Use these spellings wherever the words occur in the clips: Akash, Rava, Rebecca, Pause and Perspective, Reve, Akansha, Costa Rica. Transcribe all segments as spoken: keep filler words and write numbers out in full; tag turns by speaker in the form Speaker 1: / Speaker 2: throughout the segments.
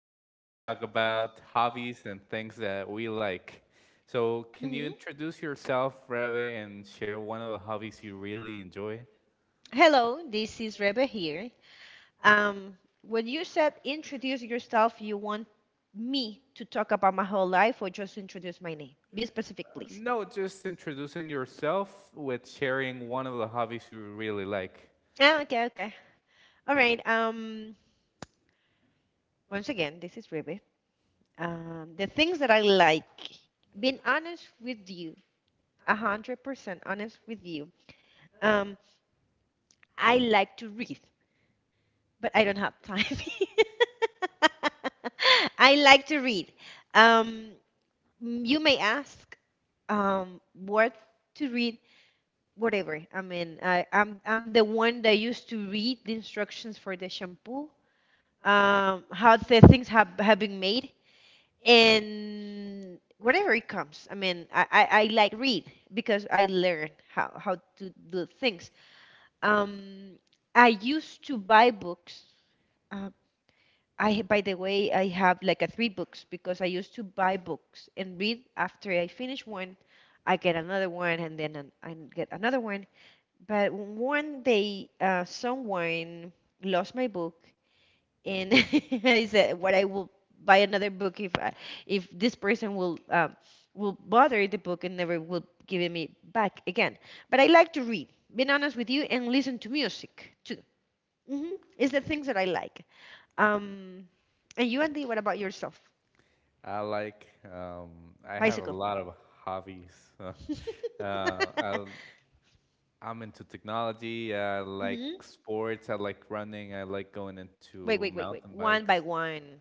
Speaker 1: We're gonna
Speaker 2: Hello.
Speaker 1: talk about hobbies and things that we like. So, can you
Speaker 2: hmm
Speaker 1: introduce yourself, Reve, and share one of the hobbies you really enjoy?
Speaker 2: Hello, this is Reba here. Um, when you said introduce yourself, you want me to talk about my whole life or just introduce my name? Be specific,
Speaker 1: Uh,
Speaker 2: please.
Speaker 1: No, just introducing yourself with sharing one of the hobbies you really like.
Speaker 2: Ah, okay, okay. All right. Um, once again, this is Rebe. Um, the things that I like, being honest with you, a hundred percent honest with you. Um, I like to read, but I don't have time. I like to read. Um, Mm, you may ask um, what to read, whatever, I mean I, I'm, I'm the one that used to read the instructions for the shampoo, um, how the things have, have been made, and whatever it comes, I mean i, I, I like read because I learn how, how to do things. um, I used to buy books. Uh, I, by the way, I have like a three books because I used to buy books and read. After I finish one, I get another one, and then an- I get another one. But one day, uh, someone lost my book, and I said, "What, I will buy another book if I, if this person will um, will bother the book and never will give it me back again." But I like to read, being honest with you, and listen to music too. hmm It's the things that I like. Um, and you, Andy, what about yourself?
Speaker 1: I like, um, I have a
Speaker 2: Bicycle.
Speaker 1: lot of hobbies. Uh, I, I'm into technology, I like
Speaker 2: hmm
Speaker 1: sports, I like running, I like going
Speaker 2: Wait,
Speaker 1: into
Speaker 2: wait, wait, wait.
Speaker 1: mountain
Speaker 2: One by
Speaker 1: bikes.
Speaker 2: one.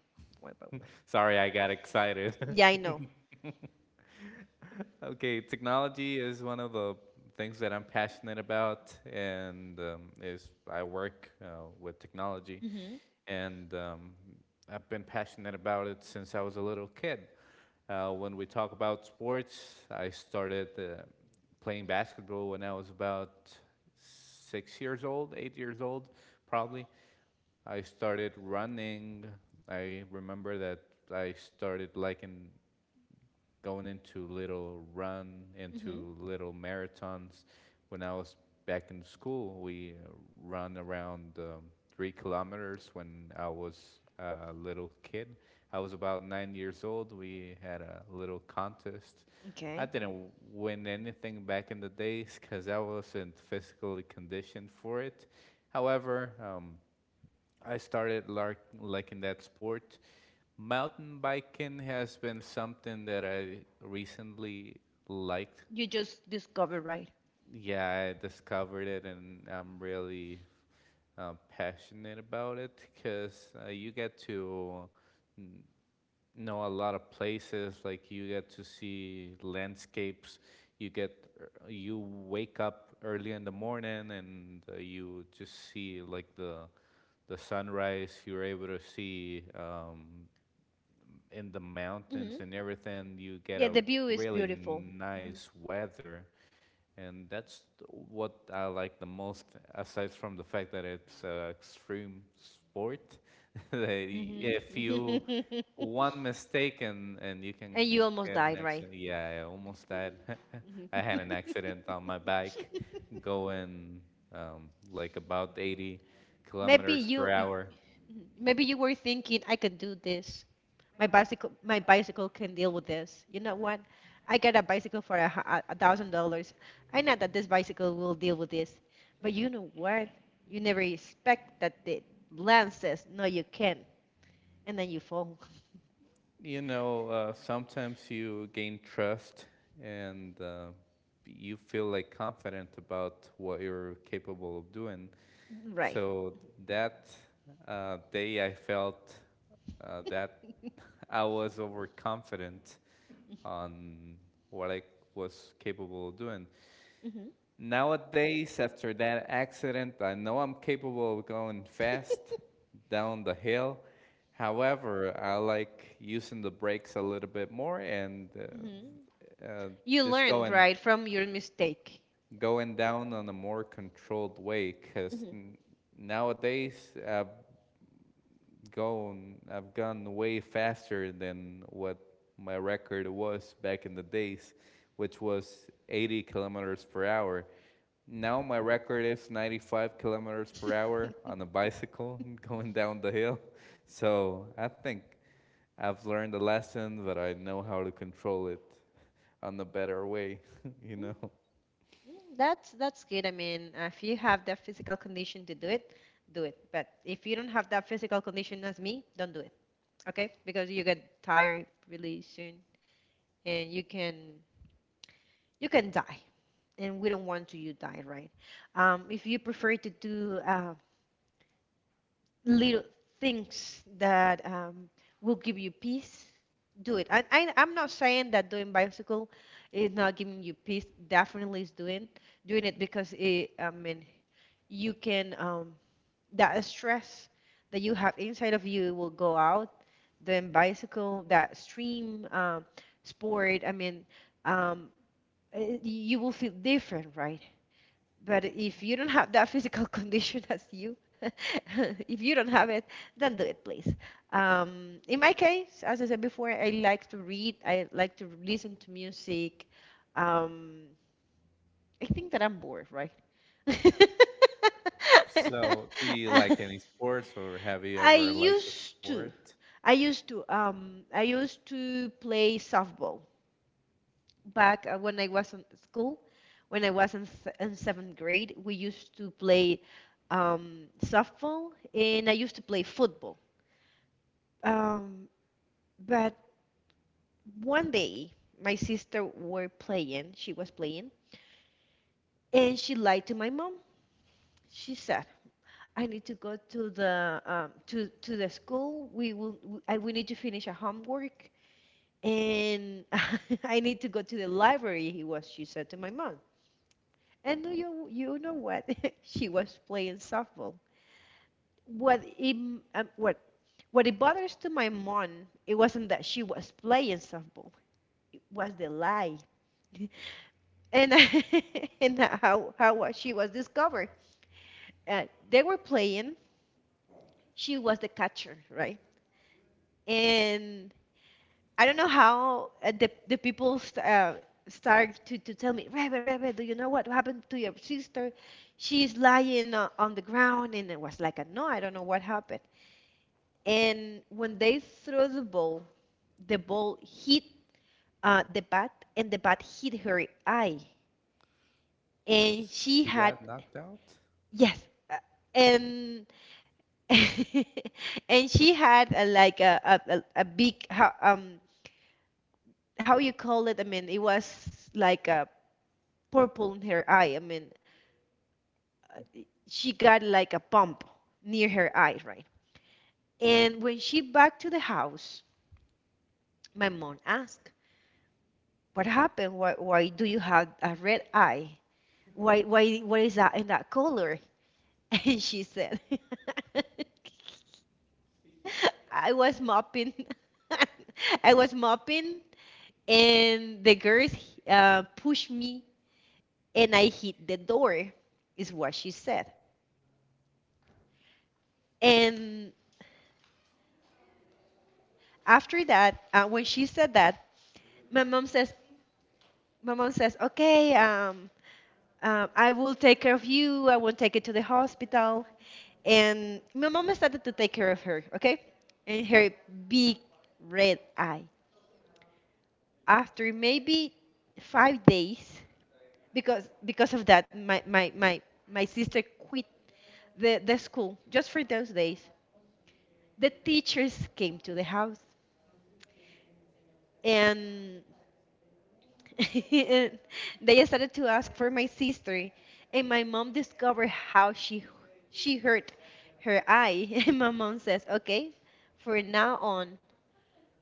Speaker 1: Sorry, I got excited.
Speaker 2: Yeah, I know.
Speaker 1: Okay, technology is one of the things that I'm passionate about, and um, is I work uh, with technology,
Speaker 2: hmm
Speaker 1: and um, I've been passionate about it since I was a little kid. Uh, when we talk about sports, I started uh, playing basketball when I was about six years old, eight years old, probably. I started running. I remember that I started liking going into little run,
Speaker 2: hmm
Speaker 1: into little marathons. When I was back in school, we uh, run around um, three kilometers when I was a little kid. I was about nine years old. We had a little contest. I
Speaker 2: Okay.
Speaker 1: didn't win anything back in the days because I wasn't physically conditioned for it. However, um, I started lar- liking that sport. Mountain biking has been something that I recently liked.
Speaker 2: You just discover, right?
Speaker 1: Yeah, I discovered it and I'm really uh, passionate about it because uh, you get to n- know a lot of places, like you get to see landscapes. You get, er, you wake up early in the morning and uh, you just see like the the sunrise you are able to see um, in the
Speaker 2: hmm
Speaker 1: mountains and everything. You get
Speaker 2: Yeah,
Speaker 1: a
Speaker 2: the view is
Speaker 1: really
Speaker 2: beautiful. hmm
Speaker 1: nice weather, and that's what I like the most. Aside from the fact that it's an extreme sport, that
Speaker 2: hmm
Speaker 1: if you one mistake and, and you can
Speaker 2: and you almost
Speaker 1: get an
Speaker 2: died, right?
Speaker 1: accident. Yeah, I almost died.
Speaker 2: Mhm.
Speaker 1: I had an accident on my bike going um, like about eighty
Speaker 2: maybe
Speaker 1: kilometers per
Speaker 2: you,
Speaker 1: hour.
Speaker 2: maybe you were thinking, I can do this. My bicycle, my bicycle can deal with this. You know what? I got a bicycle for a, hu- a thousand dollars. I know that this bicycle will deal with this, but you know what? You never expect that the land says no, you can, and then you fall.
Speaker 1: You know, uh, sometimes you gain trust and uh, you feel like confident about what you're capable of doing. Right.
Speaker 2: Right.
Speaker 1: So that uh, day I felt uh, that I was overconfident on what I was capable of doing.
Speaker 2: hmm
Speaker 1: Nowadays, after that accident, I know I'm capable of going fast down the hill. However, I like using the brakes a little bit more and
Speaker 2: hmm
Speaker 1: uh, uh,
Speaker 2: You
Speaker 1: just
Speaker 2: learned
Speaker 1: going
Speaker 2: right from your mistake.
Speaker 1: going down on a more controlled way. Because
Speaker 2: Mhm.
Speaker 1: nowadays, I've gone I've gone way faster than what my record was back in the days, which was eighty kilometers per hour. Now my record is ninety-five kilometers per hour on a bicycle going down the hill. So I think I've learned a lesson, but I know how to control it on a better way, you
Speaker 2: Mm,
Speaker 1: know.
Speaker 2: mm, That's that's good. I mean, uh, if you have the physical condition to do it, do it. But if you don't have that physical condition as me, don't do okay, because you get tired really soon, and you can you can die, and we don't want to you die, right? Um, if you prefer to do uh, little things that um, will give you peace, do it. I, I, i'm not saying that doing bicycle is not giving you peace. Definitely is doing doing it, because it, I mean, you can, um, that stress that you have inside of you will go out. Then bicycle, that stream, um, sport, I mean, um, eh, you will feel different, right? But if you don't have that physical condition as you if you don't have it, then do it, please. Um, in my case, as I said before, I like to read, I like to listen to music. um, I think that I'm bored, right?
Speaker 1: So, do you like any sports, or have you
Speaker 2: I
Speaker 1: ever liked a
Speaker 2: used to.
Speaker 1: sport?
Speaker 2: I used to. Um, I used to play softball back uh, when I was in school. When I was in, s- in seventh grade, we used to play um, softball, and I used to play football. Um, but one day, my sister were playing. She was playing, and she lied to my mom. She said, I need to go to the um, to to the school. We will w- I, we need to finish a homework, and I need to go to the library, he was she said to my mom. And do you you know what? She was playing softball. What it, um, what what it bothers to my mom, it wasn't that she was playing softball. It was the lie and and how how was- she was discovered. Uh, they were playing. She was the catcher, right? And I don't know how uh, the the people st- uh, start to, to tell me, Rebe, Rebe, do you know what happened to your sister? She's lying uh, on the ground, and it was like, a, no, I don't know what happened. And when they threw the ball, the ball hit uh, the bat, and the bat hit her eye, and she
Speaker 1: She
Speaker 2: had
Speaker 1: got knocked out?
Speaker 2: yes, uh, and and she had a, like a a, a a big, how um how you call it? I mean, it was like a purple in her eye. I mean, she got like a pump near her eye, right? And when she back to the house, my mom asked, "What happened? Why, why do you have a red eye? Why, why, what is that in that color?" And she said, "I was mopping, I was mopping, and the girls uh, pushed me, and I hit the door," is what she said. And after that, uh, when she said that, my mom says my mom says okay. um, um I will take care of you, I will take it to the hospital. And my mom started to take care of her, okay, and her big red eye after maybe five days. Because because of that, my my my, my sister quit the, the school just for those days. The teachers came to the house, and and they started to ask for my sister, and my mom discovered how she she hurt her eye. And my mom says, okay, for now on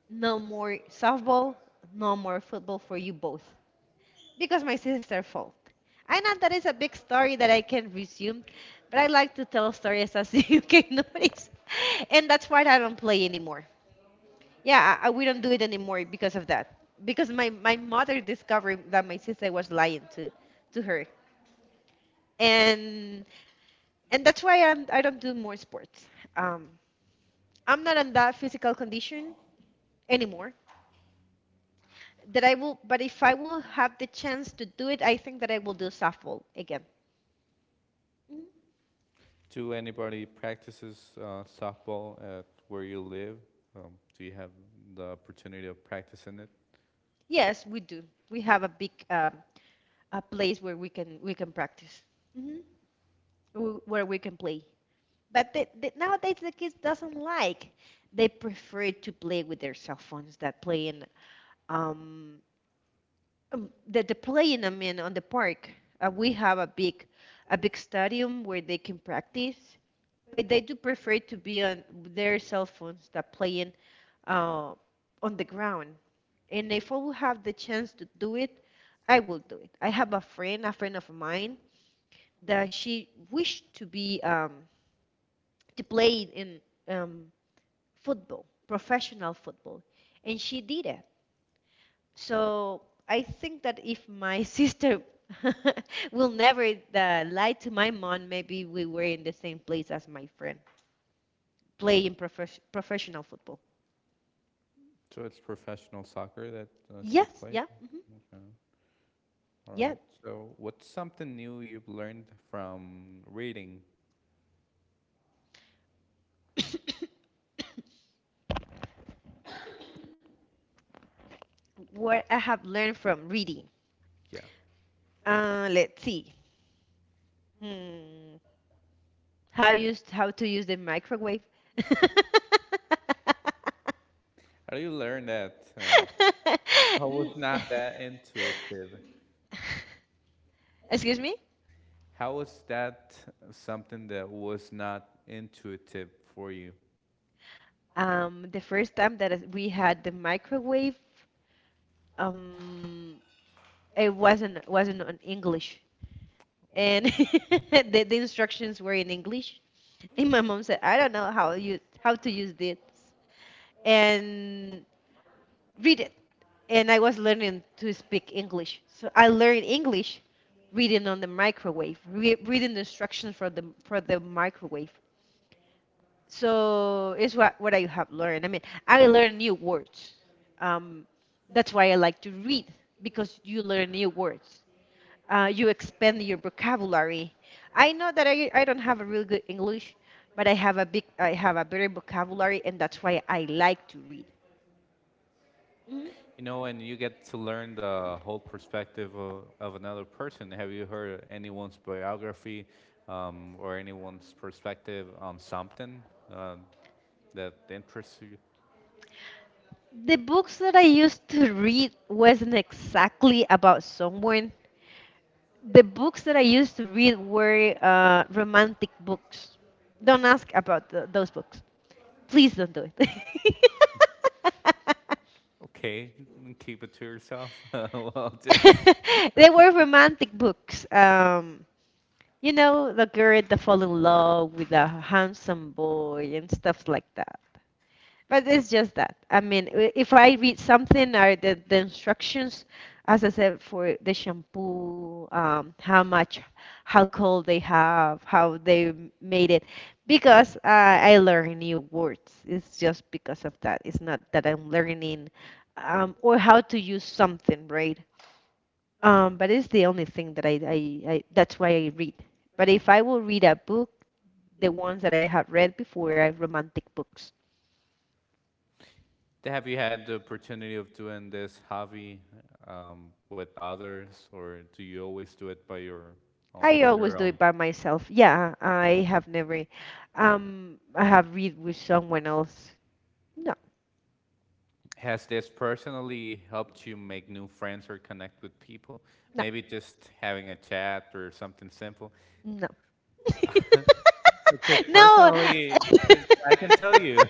Speaker 2: no more softball, no more football for you both, because my sister fault. I know that is a big story that I can resume, but I like to tell stories, as you can notice, and that's why I don't play anymore. Yeah, I, I, we don't do it anymore because of that. Because my, my mother discovered that my sister was lying to to her, and and that's why I'm, I don't do more sports. Um, I'm not in that physical condition anymore. That I will, but if I will have the chance to do it, I think that I will do softball again. Mhm.
Speaker 1: Do anybody practices uh, softball at where you live? Um, do you have the opportunity of practicing it?
Speaker 2: Yes, we do. We have a big um, a place where we can we can practice, hmm where we can play. But the, the, nowadays the kids doesn't like. They prefer to play with their cell phones that play in um um, that they play in. I mean, on the park. Uh, we have a big a big stadium where they can practice, but they do prefer to be on their cell phones that playing uh, on the ground. And if I will have the chance to do it, I will do it. I have a friend, a friend of mine, that she wished to be um, to play in um, football, professional football, and she did it. So I think that if my sister will never uh, lie to my mom, maybe we were in the same place as my friend playing prof- professional football.
Speaker 1: So it's professional soccer that uh, she
Speaker 2: Yes,
Speaker 1: played.
Speaker 2: yeah, hmm
Speaker 1: Okay. All
Speaker 2: yeah.
Speaker 1: right. So what's something new you've learned from reading?
Speaker 2: What I have learned from reading.
Speaker 1: Yeah.
Speaker 2: Uh, let's see. Hmm. How use how to use the microwave?
Speaker 1: How do you learn that? Uh, I
Speaker 2: N-
Speaker 1: was not that intuitive.
Speaker 2: Excuse me?
Speaker 1: How was that something that was not intuitive for you?
Speaker 2: Um, the first time that is- we had the microwave, um, it wasn't wasn't on English, and the, the instructions were in English. And my mom said, "I don't know how you how to use this," and read it. And I was learning to speak English, so I learned English reading on the microwave, re reading the instructions for the for the microwave. So it's what what I have learned. I mean, I learn new words. Um, that's why I like to read, because you learn new words. Uh, you expand your vocabulary. I know that I, I don't have a really good English, but I have a big I have a better vocabulary, and that's why I like to read. Mhm.
Speaker 1: You know, and you get to learn the whole perspective of, of another person. Have you heard anyone's biography um, or anyone's perspective on something uh, that interests you?
Speaker 2: The books that I used to read wasn't exactly about someone. The books that I used to read were uh, romantic books. Don't ask about the, those books. Please don't do it.
Speaker 1: Okay, keep it to yourself. Well, just
Speaker 2: They were romantic books. Um, you know, the girl that fall in love with a handsome boy and stuff like that. But it's just that. I mean, i- if I read something or the, the instructions, as I said, for the shampoo, um, how much, how cold they have, how they m- made it, because uh, I learn new words. It's just because of that. It's not that I'm learning um, or how to use something, right? Um, but it's the only thing that I, I, I, that's why I read. But if I will read a book, the ones that I have read before are romantic books.
Speaker 1: have you had the opportunity of doing this hobby um, with others, or do you always do it by your own
Speaker 2: I
Speaker 1: on your
Speaker 2: always do
Speaker 1: own?
Speaker 2: it by myself. Yeah, I have never um I have read with someone else. No,
Speaker 1: Has this personally helped you make new friends or connect with people?
Speaker 2: no,
Speaker 1: Maybe just having a chat or something simple?
Speaker 2: no.
Speaker 1: Because
Speaker 2: No,
Speaker 1: personally, because I can tell you,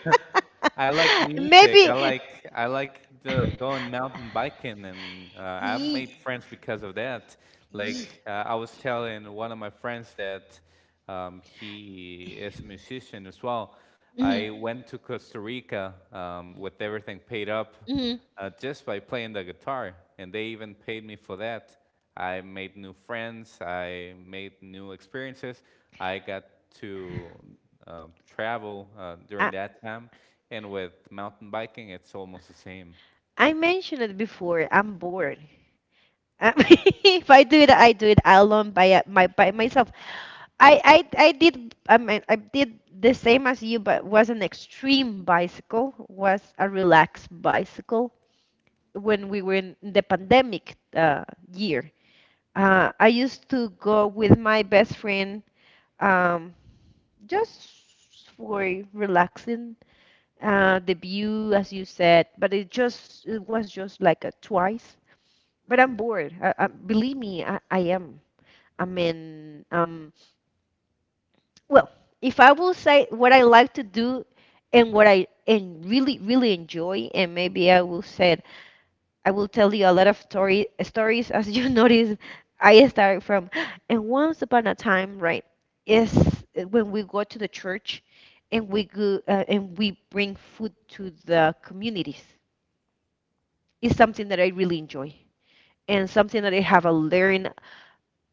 Speaker 1: I like music.
Speaker 2: maybe
Speaker 1: I like I like the going mountain biking, and uh, I've
Speaker 2: y- y-
Speaker 1: made friends because of that. Like uh, I was telling one of my friends that um, he is a musician as well.
Speaker 2: mhm,
Speaker 1: I went to Costa Rica um, with everything paid up
Speaker 2: mhm.
Speaker 1: uh, just by playing the guitar, and they even paid me for that. I made new friends. I made new experiences. I got to um, travel uh, during
Speaker 2: I,
Speaker 1: that time and with mountain biking, it's almost the same.
Speaker 2: I mentioned it before. I'm bored. I- if I do it, I do it alone by uh, my by myself. I I I did I mean, I did the same as you, but was an extreme bicycle, was a relaxed bicycle when we were in the pandemic uh, year. Uh, I used to go with my best friend um, just for relaxing, uh, the view, as you said, but it just it was just like a twice. But I'm bored. I, I, believe me, I, I am. I mean, um well, if I will say what I like to do and what I and really really enjoy, and maybe I will say I will tell you a lot of story stories. As you notice, I started from and once upon a time, right? Is when we go to the church and we go uh, and we bring food to the communities. It's something that I really enjoy and something that I have uh, learned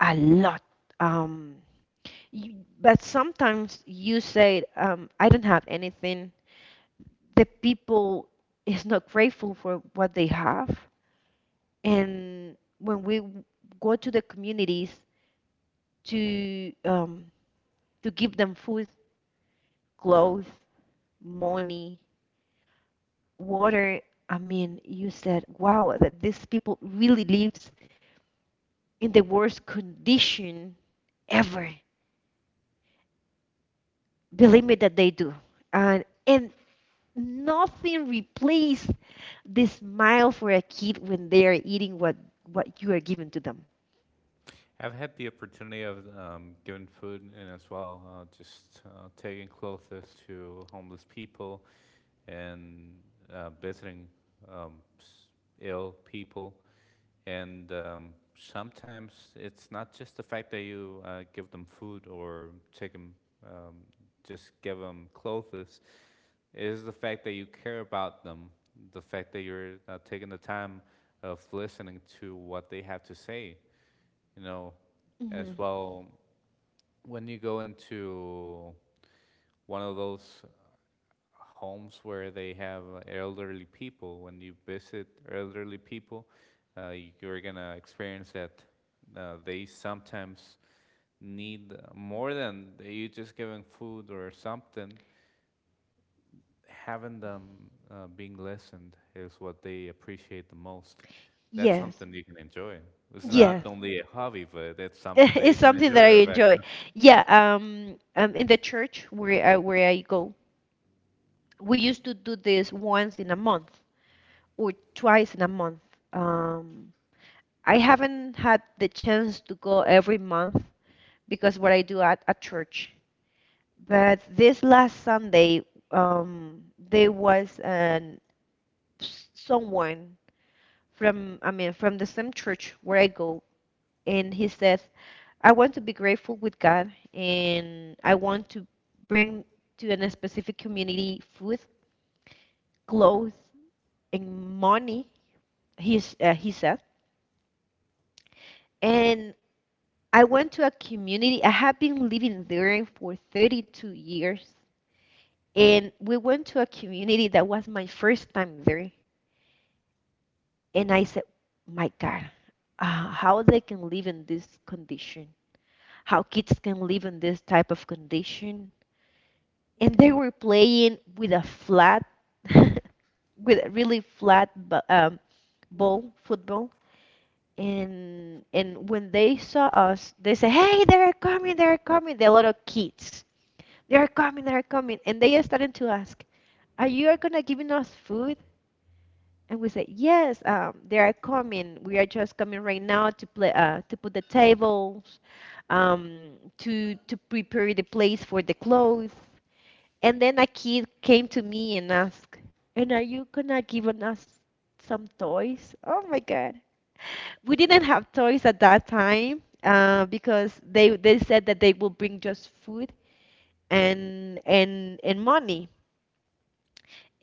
Speaker 2: a lot. Um, You, but sometimes you say, um, I don't have anything. The people is not grateful for what they have. And when we w- go to the communities to um, to give them food, clothes, money, water, I mean, you said, wow, that these people really lives in the worst condition ever. Believe me that they do. And and Nothing replaces the smile for a kid when they are eating what what you are giving to them.
Speaker 1: I've had the opportunity of um, giving food and as well, uh, just uh, taking clothes to homeless people and uh, visiting um, ill people. And um, sometimes it's not just the fact that you uh, give them food or take 'em, um, just give them clothes. It is the fact that you care about them, the fact that you're uh, taking the time of listening to what they have to say. You know, as
Speaker 2: Hmm.
Speaker 1: well, when you go into one of those homes where they have uh, elderly people. When you visit elderly people, uh, you're gonna experience that uh, they sometimes need more than you just giving food or something. Having them uh, being listened is what they appreciate the most. That's
Speaker 2: Yes,
Speaker 1: something you can enjoy. It's not
Speaker 2: yes,
Speaker 1: only a hobby, but that's something that you
Speaker 2: it's
Speaker 1: can
Speaker 2: something
Speaker 1: enjoy,
Speaker 2: that I
Speaker 1: Rebecca.
Speaker 2: enjoy. Yeah, um, um, in the church where I, where I go, we used to do this once in a month or twice in a month. Um, I haven't had the chance to go every month because what I do at a church. But this last Sunday, um, there was an s- someone from, I mean, from the same church where I go, and he says, "I want to be grateful with God, and I want to bring to a specific community food, clothes, and money." He's uh, he said, and I went to a community. I have been living there for thirty-two years, and we went to a community that was my first time there, and I said, "My God. Uh, how they can live in this condition? How kids can live in this type of condition?" And they were playing with a flat, with a really flat bu- um, ball, football. And and when they saw us, they said, "Hey, they're coming! They're coming! There are a lot of kids, they're coming! They're coming!" And they are starting to ask, "Are you are gonna giving us food?" And we say, yes, um, they are coming. We are just coming right now to play, uh, to put the tables, um, to to prepare the place for the clothes. And then a kid came to me and asked, "And are you gonna give us some toys?" Oh my God, we didn't have toys at that time uh, because they they said that they will bring just food and and and money.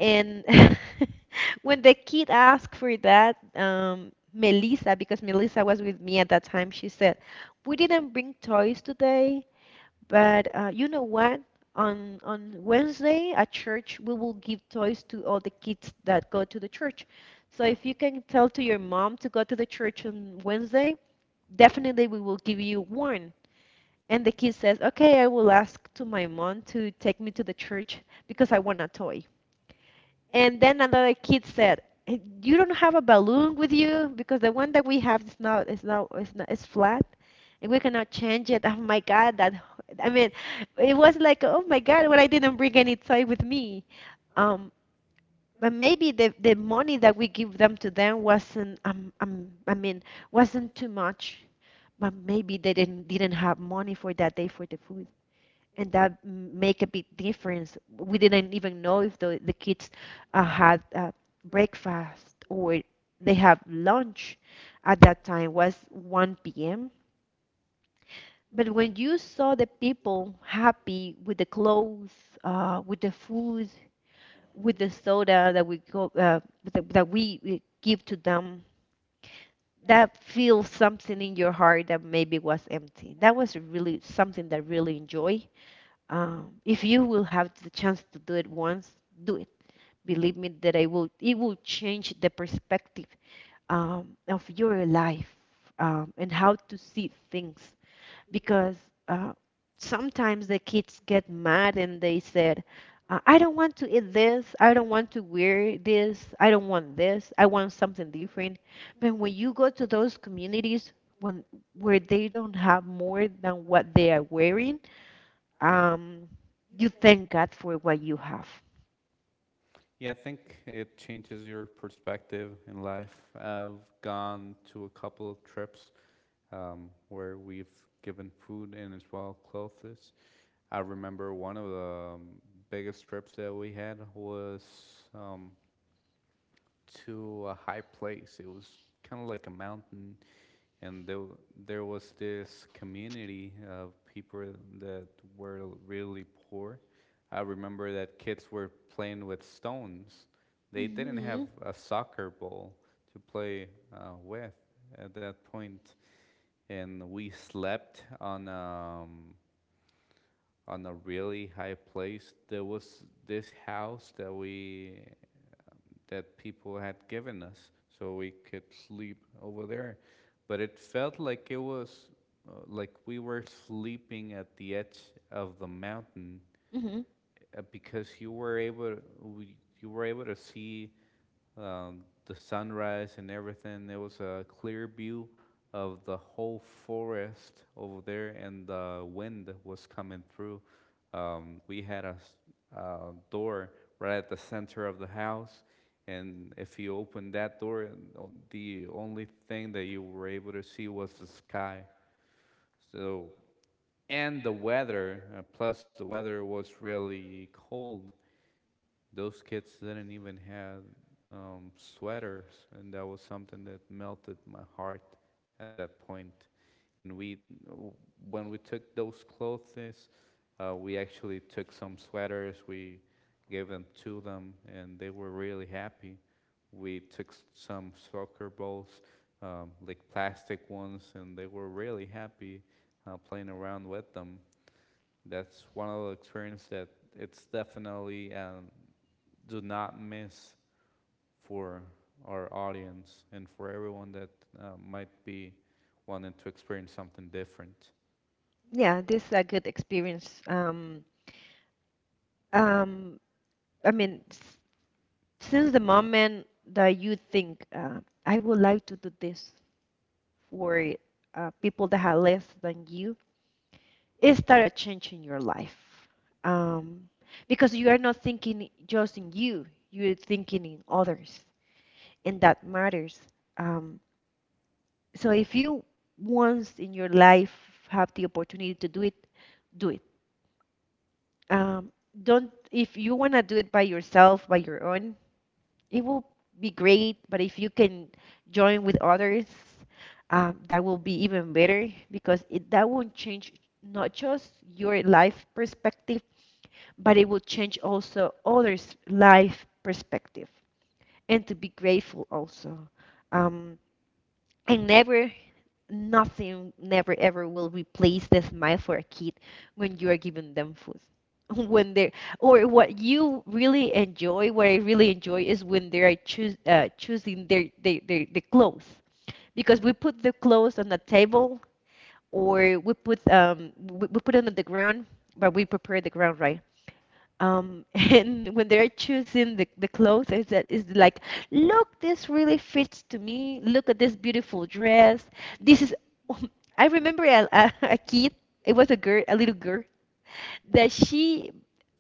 Speaker 2: And when the kid asked for that, um, Melissa, because Melissa was with me at that time, she said, "We didn't bring toys today, but uh, you know what? On on Wednesday at church, we will give toys to all the kids that go to the church. So if you can tell to your mom to go to the church on Wednesday, definitely we will give you one." And the kid says, "Okay, I will ask to my mom to take me to the church because I want a toy." And then another kid said, "Eh, you don't have a balloon with you because the one that we have is not, is not, is not, is flat, and we cannot change it." Oh my God, that I mean, it was like, oh my God, well, I didn't bring any toy with me. Um, but maybe the the money that we give them to them wasn't um, um I mean wasn't too much, but maybe they didn't didn't have money for that day for the food and that make a big difference. We didn't even know if the, the kids uh, had uh, breakfast or they have lunch at that time was one p m. But when you saw the people happy with the clothes, uh, with the food, with the soda that we go, uh, that, that we we give to them, that feels something in your heart that maybe was empty. That was really something that really enjoy. Um, if you will have the chance to do it once, do it. Believe me that I will. It will change the perspective um, of your life um, and how to see things. Because uh, sometimes the kids get mad and they said, uh, "I don't want to eat this. I don't want to wear this. I don't want this. I want something different." But when you go to those communities when where they don't have more than what they are wearing, um, you thank God for what you have.
Speaker 1: Yeah, I think it changes your perspective in life. I've gone to a couple of trips um, where we've given food and as well clothes. I remember one of the um, biggest trips that we had was um, to a high place. It was kind of like a mountain and there there was this community of people that were really poor. I remember that kids were playing with stones. They didn't have
Speaker 2: Hmm.
Speaker 1: a soccer ball to play uh, with at that point, point. And we slept on um, on a really high place. There was this house that we that people had given us so we could sleep over there. But it felt like it was uh, like we were sleeping at the edge of the mountain
Speaker 2: Hmm.
Speaker 1: uh, because you were able to, we, you were able to see um, the sunrise and everything. There was a clear view of the whole forest over there, and the wind was coming through. Um, we had a uh, door right at the center of the house, and if you opened that door, the only thing that you were able to see was the sky. So, and the weather, uh, plus the weather was really cold. Those kids didn't even have um, sweaters, and that was something that melted my heart at that point. And we, when we took those clothes, uh, we actually took some sweaters. We gave them to them, and they were really happy. We took some soccer balls, um, like plastic ones, and they were really happy uh, playing around with them. That's one of the experiences that it's definitely um, do not miss for our audience and for everyone that uh, might be wanting to experience something different.
Speaker 2: Yeah, this is a good experience. Um, um, I mean, s- since the moment that you think, uh, I would like to do this for uh, people that are less than you, it started changing your life. Um, because you are not thinking just in you, you're thinking in others, and that matters. Um, So if you once in your life have the opportunity to do it, do it. Um, don't If you want to do it by yourself, by your own, it will be great. But if you can join with others, um, that will be even better because it, that won't change not just your life perspective, but it will change also others' life perspective. And to be grateful also. Um, and never Nothing, never, ever will replace the smile for a kid when you are giving them food. When they or what you really enjoy, what I really enjoy is when they are choos uh, choosing their, their, their, their clothes. Because we put the clothes on the table or we put um we, we put it on the ground, but we prepare the ground, right? Um, and when they're choosing the, the clothes, it's, that- it's like, look, this really fits to me. Look at this beautiful dress. This is, I remember a, a, a kid, it was a girl, a little girl that she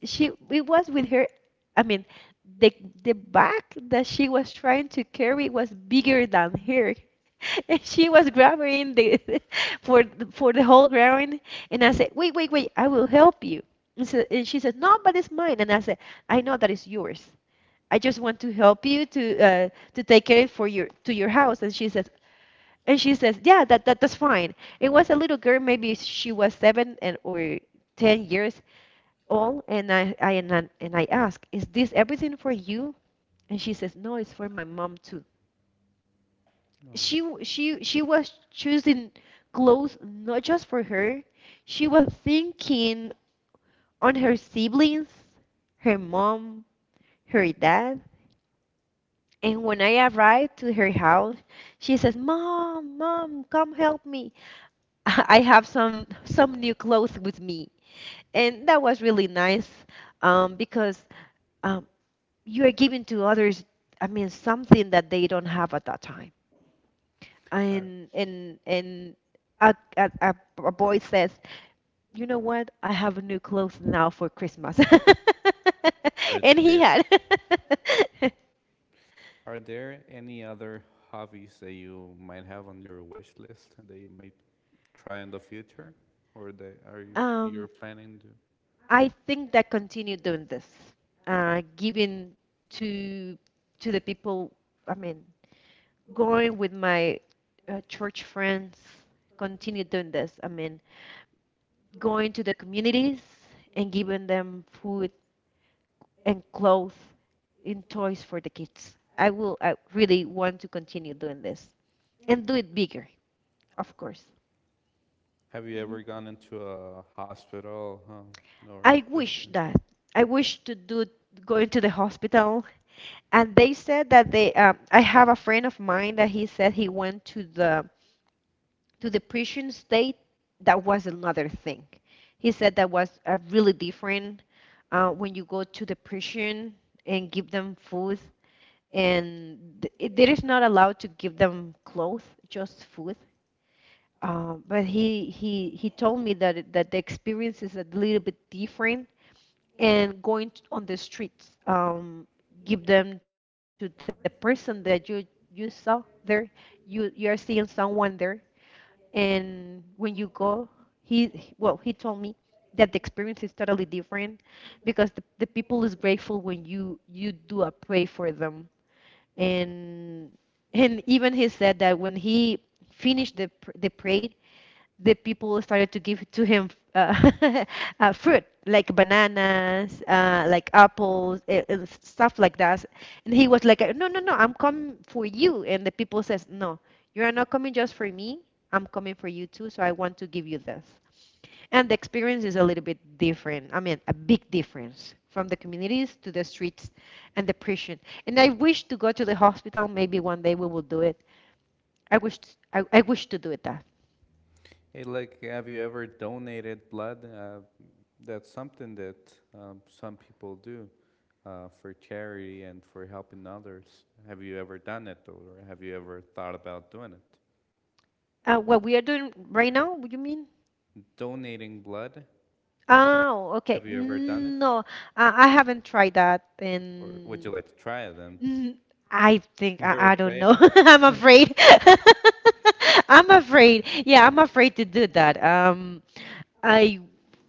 Speaker 2: she it was with her. I mean, the the bag that she was trying to carry was bigger than her. And she was grabbing the for the- for the whole ground, and I said, "Wait, wait, wait, I will help you." And, so, and she said, "No, but it's mine." And I said, "I know that it's yours, I just want to help you to uh, to take it for your to your house." And she says, and she says yeah, that, that that's fine. It was a little girl, maybe she was seven and or ten years all, and I, I and I and I ask, "Is this everything for you?" And she says, "No, it's for my mom too."
Speaker 1: No.
Speaker 2: She w- she she was choosing clothes not just for her. She was thinking on her siblings, her mom, her dad. And when I arrived to her house, she says, "Mom, mom, come help me. I have some some new clothes with me." And that was really nice um, because um, you are giving to others, I mean, something that they don't have at that time.
Speaker 1: Are,
Speaker 2: And and and a, a, a a boy says, "You know what? I have new clothes now for Christmas."
Speaker 1: are
Speaker 2: And he
Speaker 1: there
Speaker 2: had
Speaker 1: are there any other hobbies that you might have on your wish list that you may try in the future, or that are you
Speaker 2: um
Speaker 1: you're planning to?
Speaker 2: I think that continue doing this, uh giving to to the people, I mean, going with my uh, church friends, continue doing this, I mean, going to the communities and giving them food and clothes and toys for the kids. I will I really want to continue doing this and do it bigger, of course.
Speaker 1: Have you
Speaker 2: Mhm.
Speaker 1: ever gone into a hospital um, or?
Speaker 2: I wish that I wish to do going to the hospital, and they said that they um, I have a friend of mine that he said he went to the to the Prussian state, that was another thing. He said that was uh, really different uh, when you go to the Prussian and give them food, and th- it, it is not allowed to give them clothes, just food. Uh, but he, he he told me that that the experience is a little bit different, and going on the streets, um, give them to the person that you you saw there. You you are seeing someone there, and when you go he he- well he told me that the experience is totally different because the, the people is grateful when you you do a pray for them, and and even he said that when he finished the pr- the prayer, the people started to give to him uh, uh, fruit like bananas, uh, like apples, uh, uh, stuff like that. And he was like, "No, no, no, I'm coming for you." And the people says, "No, you are not coming just for me. I'm coming for you too. So I want to give you this." And the experience is a little bit different. I mean, a big difference from the communities to the streets and the prison. And I wish to go to the hospital. Maybe one day we will do it. I wish, I, I wish to do it that.
Speaker 1: Hey, like, have you ever donated blood? Uh, that's something that um, some people do uh, for charity and for helping others. Have you ever done it, or have you ever thought about doing it?
Speaker 2: Uh, what we are doing right now, what you mean?
Speaker 1: Donating blood?
Speaker 2: Oh, okay.
Speaker 1: Have you ever done it,
Speaker 2: No, I, I haven't tried that,
Speaker 1: or would
Speaker 2: and
Speaker 1: you like to try it? Then
Speaker 2: mm, I think I, I
Speaker 1: you're
Speaker 2: don't
Speaker 1: afraid.
Speaker 2: know.
Speaker 1: Of? It?
Speaker 2: I'm afraid. I'm afraid. Yeah, I'm afraid to do that. Um, I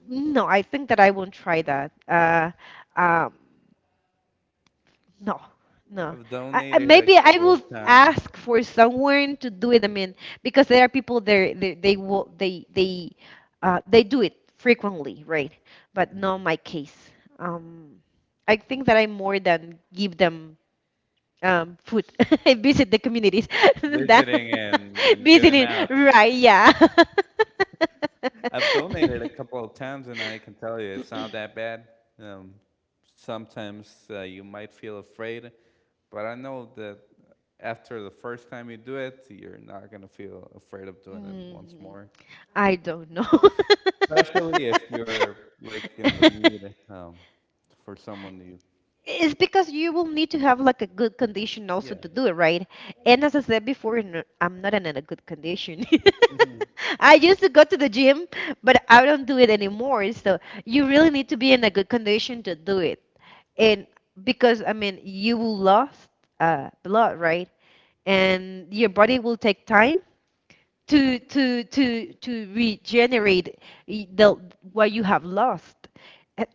Speaker 2: No, I think that I won't try that. Uh, um, No, no.
Speaker 1: I've
Speaker 2: I, I,
Speaker 1: donated a
Speaker 2: maybe I
Speaker 1: couple of
Speaker 2: will
Speaker 1: times,
Speaker 2: ask for someone to do it. I mean, because there are people there, they they will they they uh, they do it frequently, right? But not my case. Um, I think that I, more than give them um, food, I visit the communities. That,
Speaker 1: visiting and and giving
Speaker 2: visiting,
Speaker 1: out.
Speaker 2: right? Yeah.
Speaker 1: I've donated a couple of times, and I can tell you it's not that bad. Um, Sometimes uh, you might feel afraid, but I know that after the first time you do it, you're not gonna feel afraid of doing it once
Speaker 2: Mhm.
Speaker 1: more.
Speaker 2: I don't know.
Speaker 1: Especially if you're like in the need um, for someone you,
Speaker 2: It's because you will need to have like a good condition also
Speaker 1: yeah.
Speaker 2: to do it, right? And as I said before, n- I'm not in a good condition. I used to go to the gym, but I don't do it anymore. So you really need to be in a good condition to do it. And because, I mean, you will lost uh, blood, right? And your body will take time to to to to regenerate the what you have lost. Uh,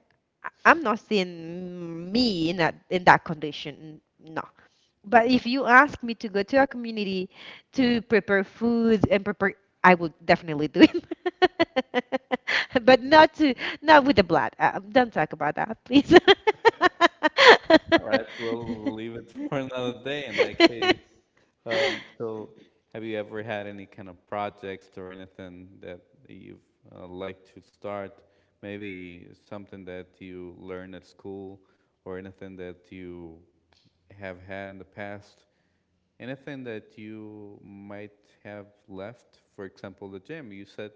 Speaker 2: I- I'm not seeing me in that in that condition. No. But if you ask me to go to a community to prepare food and prepare, I would definitely do it. But not to, not with the blood. Uh, don't talk about that, please.
Speaker 1: All right, we'll leave it for another day in that case. Um, so, have you ever had any kind of projects or anything that you've uh, liked to start? Maybe something that you learned at school, or anything that you have had in the past. Anything that you might have left. For example, the gym. You said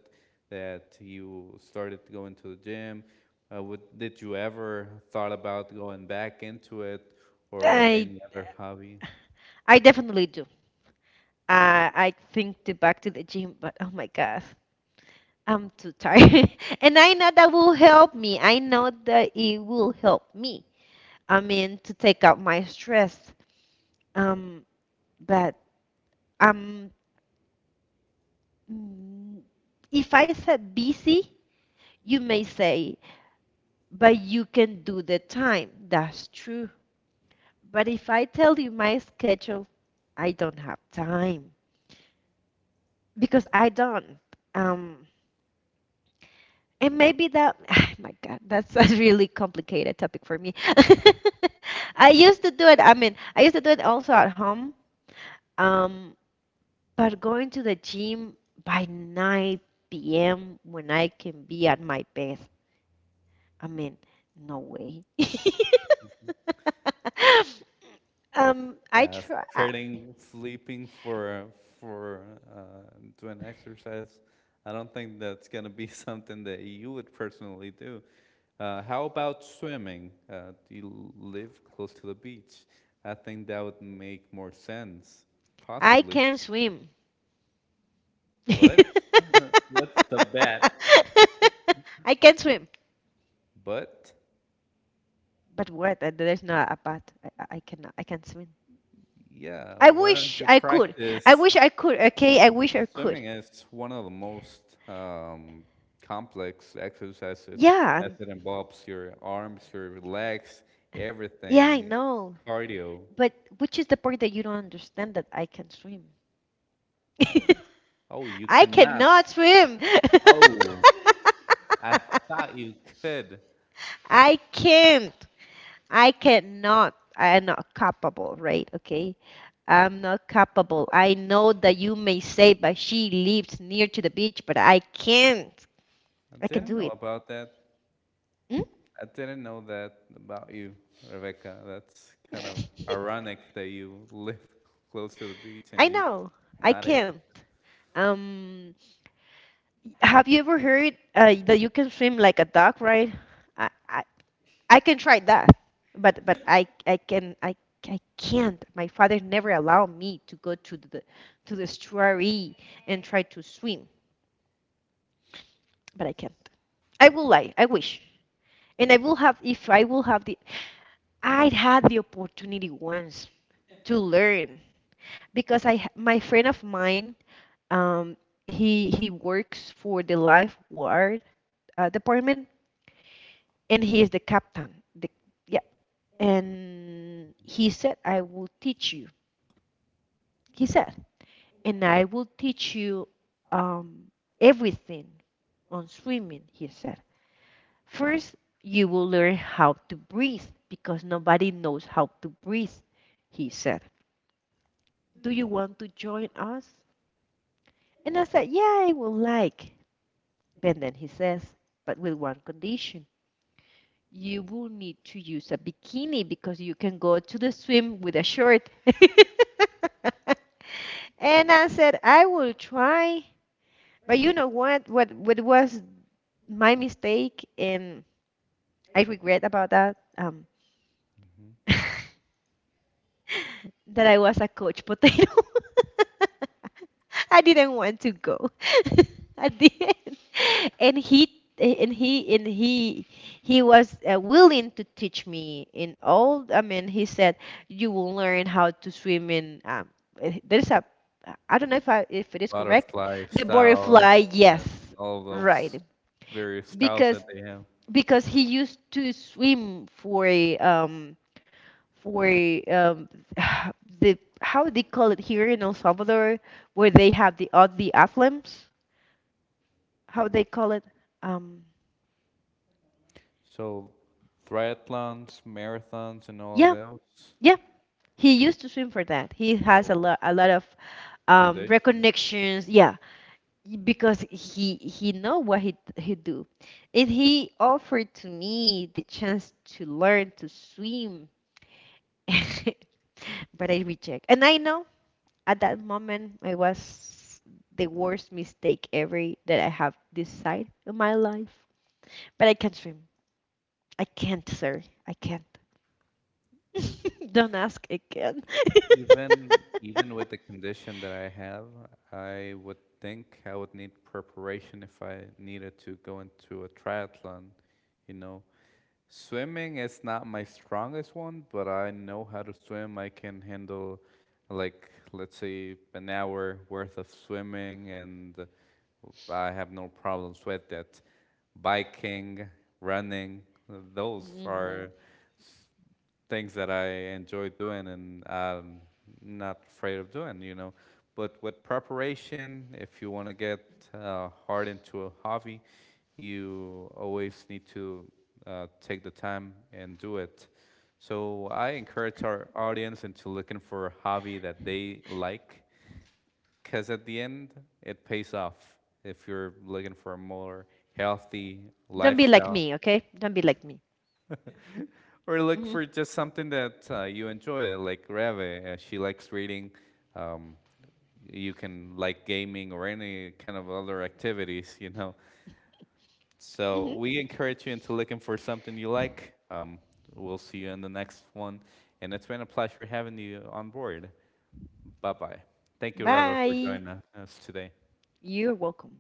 Speaker 1: that you started going to the gym. Uh, would, did you ever thought about going back into it, or
Speaker 2: I
Speaker 1: any other hobby?
Speaker 2: I definitely do. Uh, I think to back to the gym, but oh my God, I'm too tired. And I know that will help me. I know that it will help me. I mean, to take out my stress. Um, but um, mm, if I said busy, you may say, but you can do the time. That's true. But if I tell you my schedule, I don't have time because I don't. Um. And maybe that, my God, that's a really complicated topic for me. I used to do it. I mean, I used to do it also at home. Um, but going to the gym by nine p m, when I can be at my best, I mean, no way. Um, I
Speaker 1: Yeah, s-
Speaker 2: try. I
Speaker 1: trading sleeping for for uh, doing exercise. I don't think that's gonna be something that you would personally do. Uh, how about swimming? Uh, do you live close to the beach? I think that would make more sense,
Speaker 2: I
Speaker 1: possibly.
Speaker 2: can swim.
Speaker 1: But what's the bet?
Speaker 2: I can swim.
Speaker 1: But
Speaker 2: But what? Uh, There's not a but. I, I I cannot. I can't swim.
Speaker 1: yeah,
Speaker 2: I
Speaker 1: why don't
Speaker 2: wish
Speaker 1: you
Speaker 2: I could. I
Speaker 1: practice?
Speaker 2: wish I could. Okay. I wish I could.
Speaker 1: Swimming is one of the most um, complex exercises
Speaker 2: Yeah.
Speaker 1: as it involves your arms, your legs,
Speaker 2: Yeah. I
Speaker 1: everything. It's
Speaker 2: know.
Speaker 1: cardio.
Speaker 2: But which is the part that you don't understand that I can swim?
Speaker 1: Oh, you
Speaker 2: I
Speaker 1: cannot.
Speaker 2: cannot swim.
Speaker 1: Oh, I thought you could.
Speaker 2: I can't. I cannot. I am not capable, right? Okay. I'm not capable. I know that you may say, but she lives near to the beach, but I can't.
Speaker 1: I
Speaker 2: I can
Speaker 1: didn't
Speaker 2: do
Speaker 1: know
Speaker 2: it.
Speaker 1: about that.
Speaker 2: Hmm?
Speaker 1: I didn't know that about you, Rebecca. That's kind of ironic that you live close to the beach and
Speaker 2: I
Speaker 1: you
Speaker 2: know. I
Speaker 1: not able
Speaker 2: can.
Speaker 1: to.
Speaker 2: Um, have you ever heard uh, that you can swim like a duck, right? I, I, I can try that, but but I I can I I can't. My father never allowed me to go to the to the estuary and try to swim, but I can't. I will lie. I wish, and I will have if I will have the. I had the opportunity once to learn because I ha- my friend of mine. Um, he he works for the lifeguard uh, department, and he is the captain. The, yeah, and he said, "I will teach you." He said, "And I will teach you um, everything on swimming." He said, "First, you will learn how to breathe because nobody knows how to breathe." He said, "Do you want to join us?" And I said, "Yeah, I would like." But then he says, "But with one condition." You will need to use a bikini because you can go to the swim with a short. And I said, "I will try." But you know what? What, what was my mistake? And I regret about that. Um,
Speaker 1: Mhm.
Speaker 2: that I was a couch potato. I didn't want to go at the end, and he and he and he he was uh, willing to teach me in all. I mean, he said you will learn how to swim in. Um, eh, there is a, I don't know if I if it is correct,
Speaker 1: Butterfly
Speaker 2: the
Speaker 1: styles
Speaker 2: butterfly, yes,
Speaker 1: and all those
Speaker 2: right,
Speaker 1: various styles that
Speaker 2: because
Speaker 1: they have.
Speaker 2: because he used to swim for a um for um, the, how they call it here in El Salvador, where they have the uh, the aflams. How they call it? Um,
Speaker 1: So triathlons, marathons, and all of
Speaker 2: yeah,
Speaker 1: those.
Speaker 2: yeah. He used to swim for that. He has a
Speaker 1: Whoa,
Speaker 2: lot a lot of um,
Speaker 1: condition.
Speaker 2: reconnections. Yeah, because he he know what he he do, and he offered to me the chance to learn to swim. But I reject. And I know at that moment it was the worst mistake ever that I have decided in my life. But I can swim. I can't, sir. I can't. Don't ask again.
Speaker 1: Even even with the condition that I have, I would think I would need preparation if I needed to go into a triathlon, you know, Swimming is not my strongest one, but I know how to swim. I can handle, like, let's say, an hour worth of swimming, and I have no problems with that. Biking, running, those
Speaker 2: Mhm.
Speaker 1: are things that I enjoy doing and I'm not afraid of doing, you know. But with preparation, if you want to get uh, hard into a hobby, you always need to uh, take the time and do it. So I encourage our audience into looking for a hobby that they like, because at the end, it pays off. If you're looking for a more healthy
Speaker 2: Don't be like
Speaker 1: lifestyle,
Speaker 2: me, okay? Don't be like me.
Speaker 1: or look
Speaker 2: Mhm.
Speaker 1: for just something that uh, you enjoy, like Rave. Uh, she likes reading. Um, you can like gaming or any kind of other activities, you know. So
Speaker 2: Mhm.
Speaker 1: we encourage you into looking for something you like. Um, we'll see you in the next one. And it's been a pleasure having you on board. Bye bye. Thank you, Rava, for
Speaker 2: Bye.
Speaker 1: joining us today.
Speaker 2: You're welcome.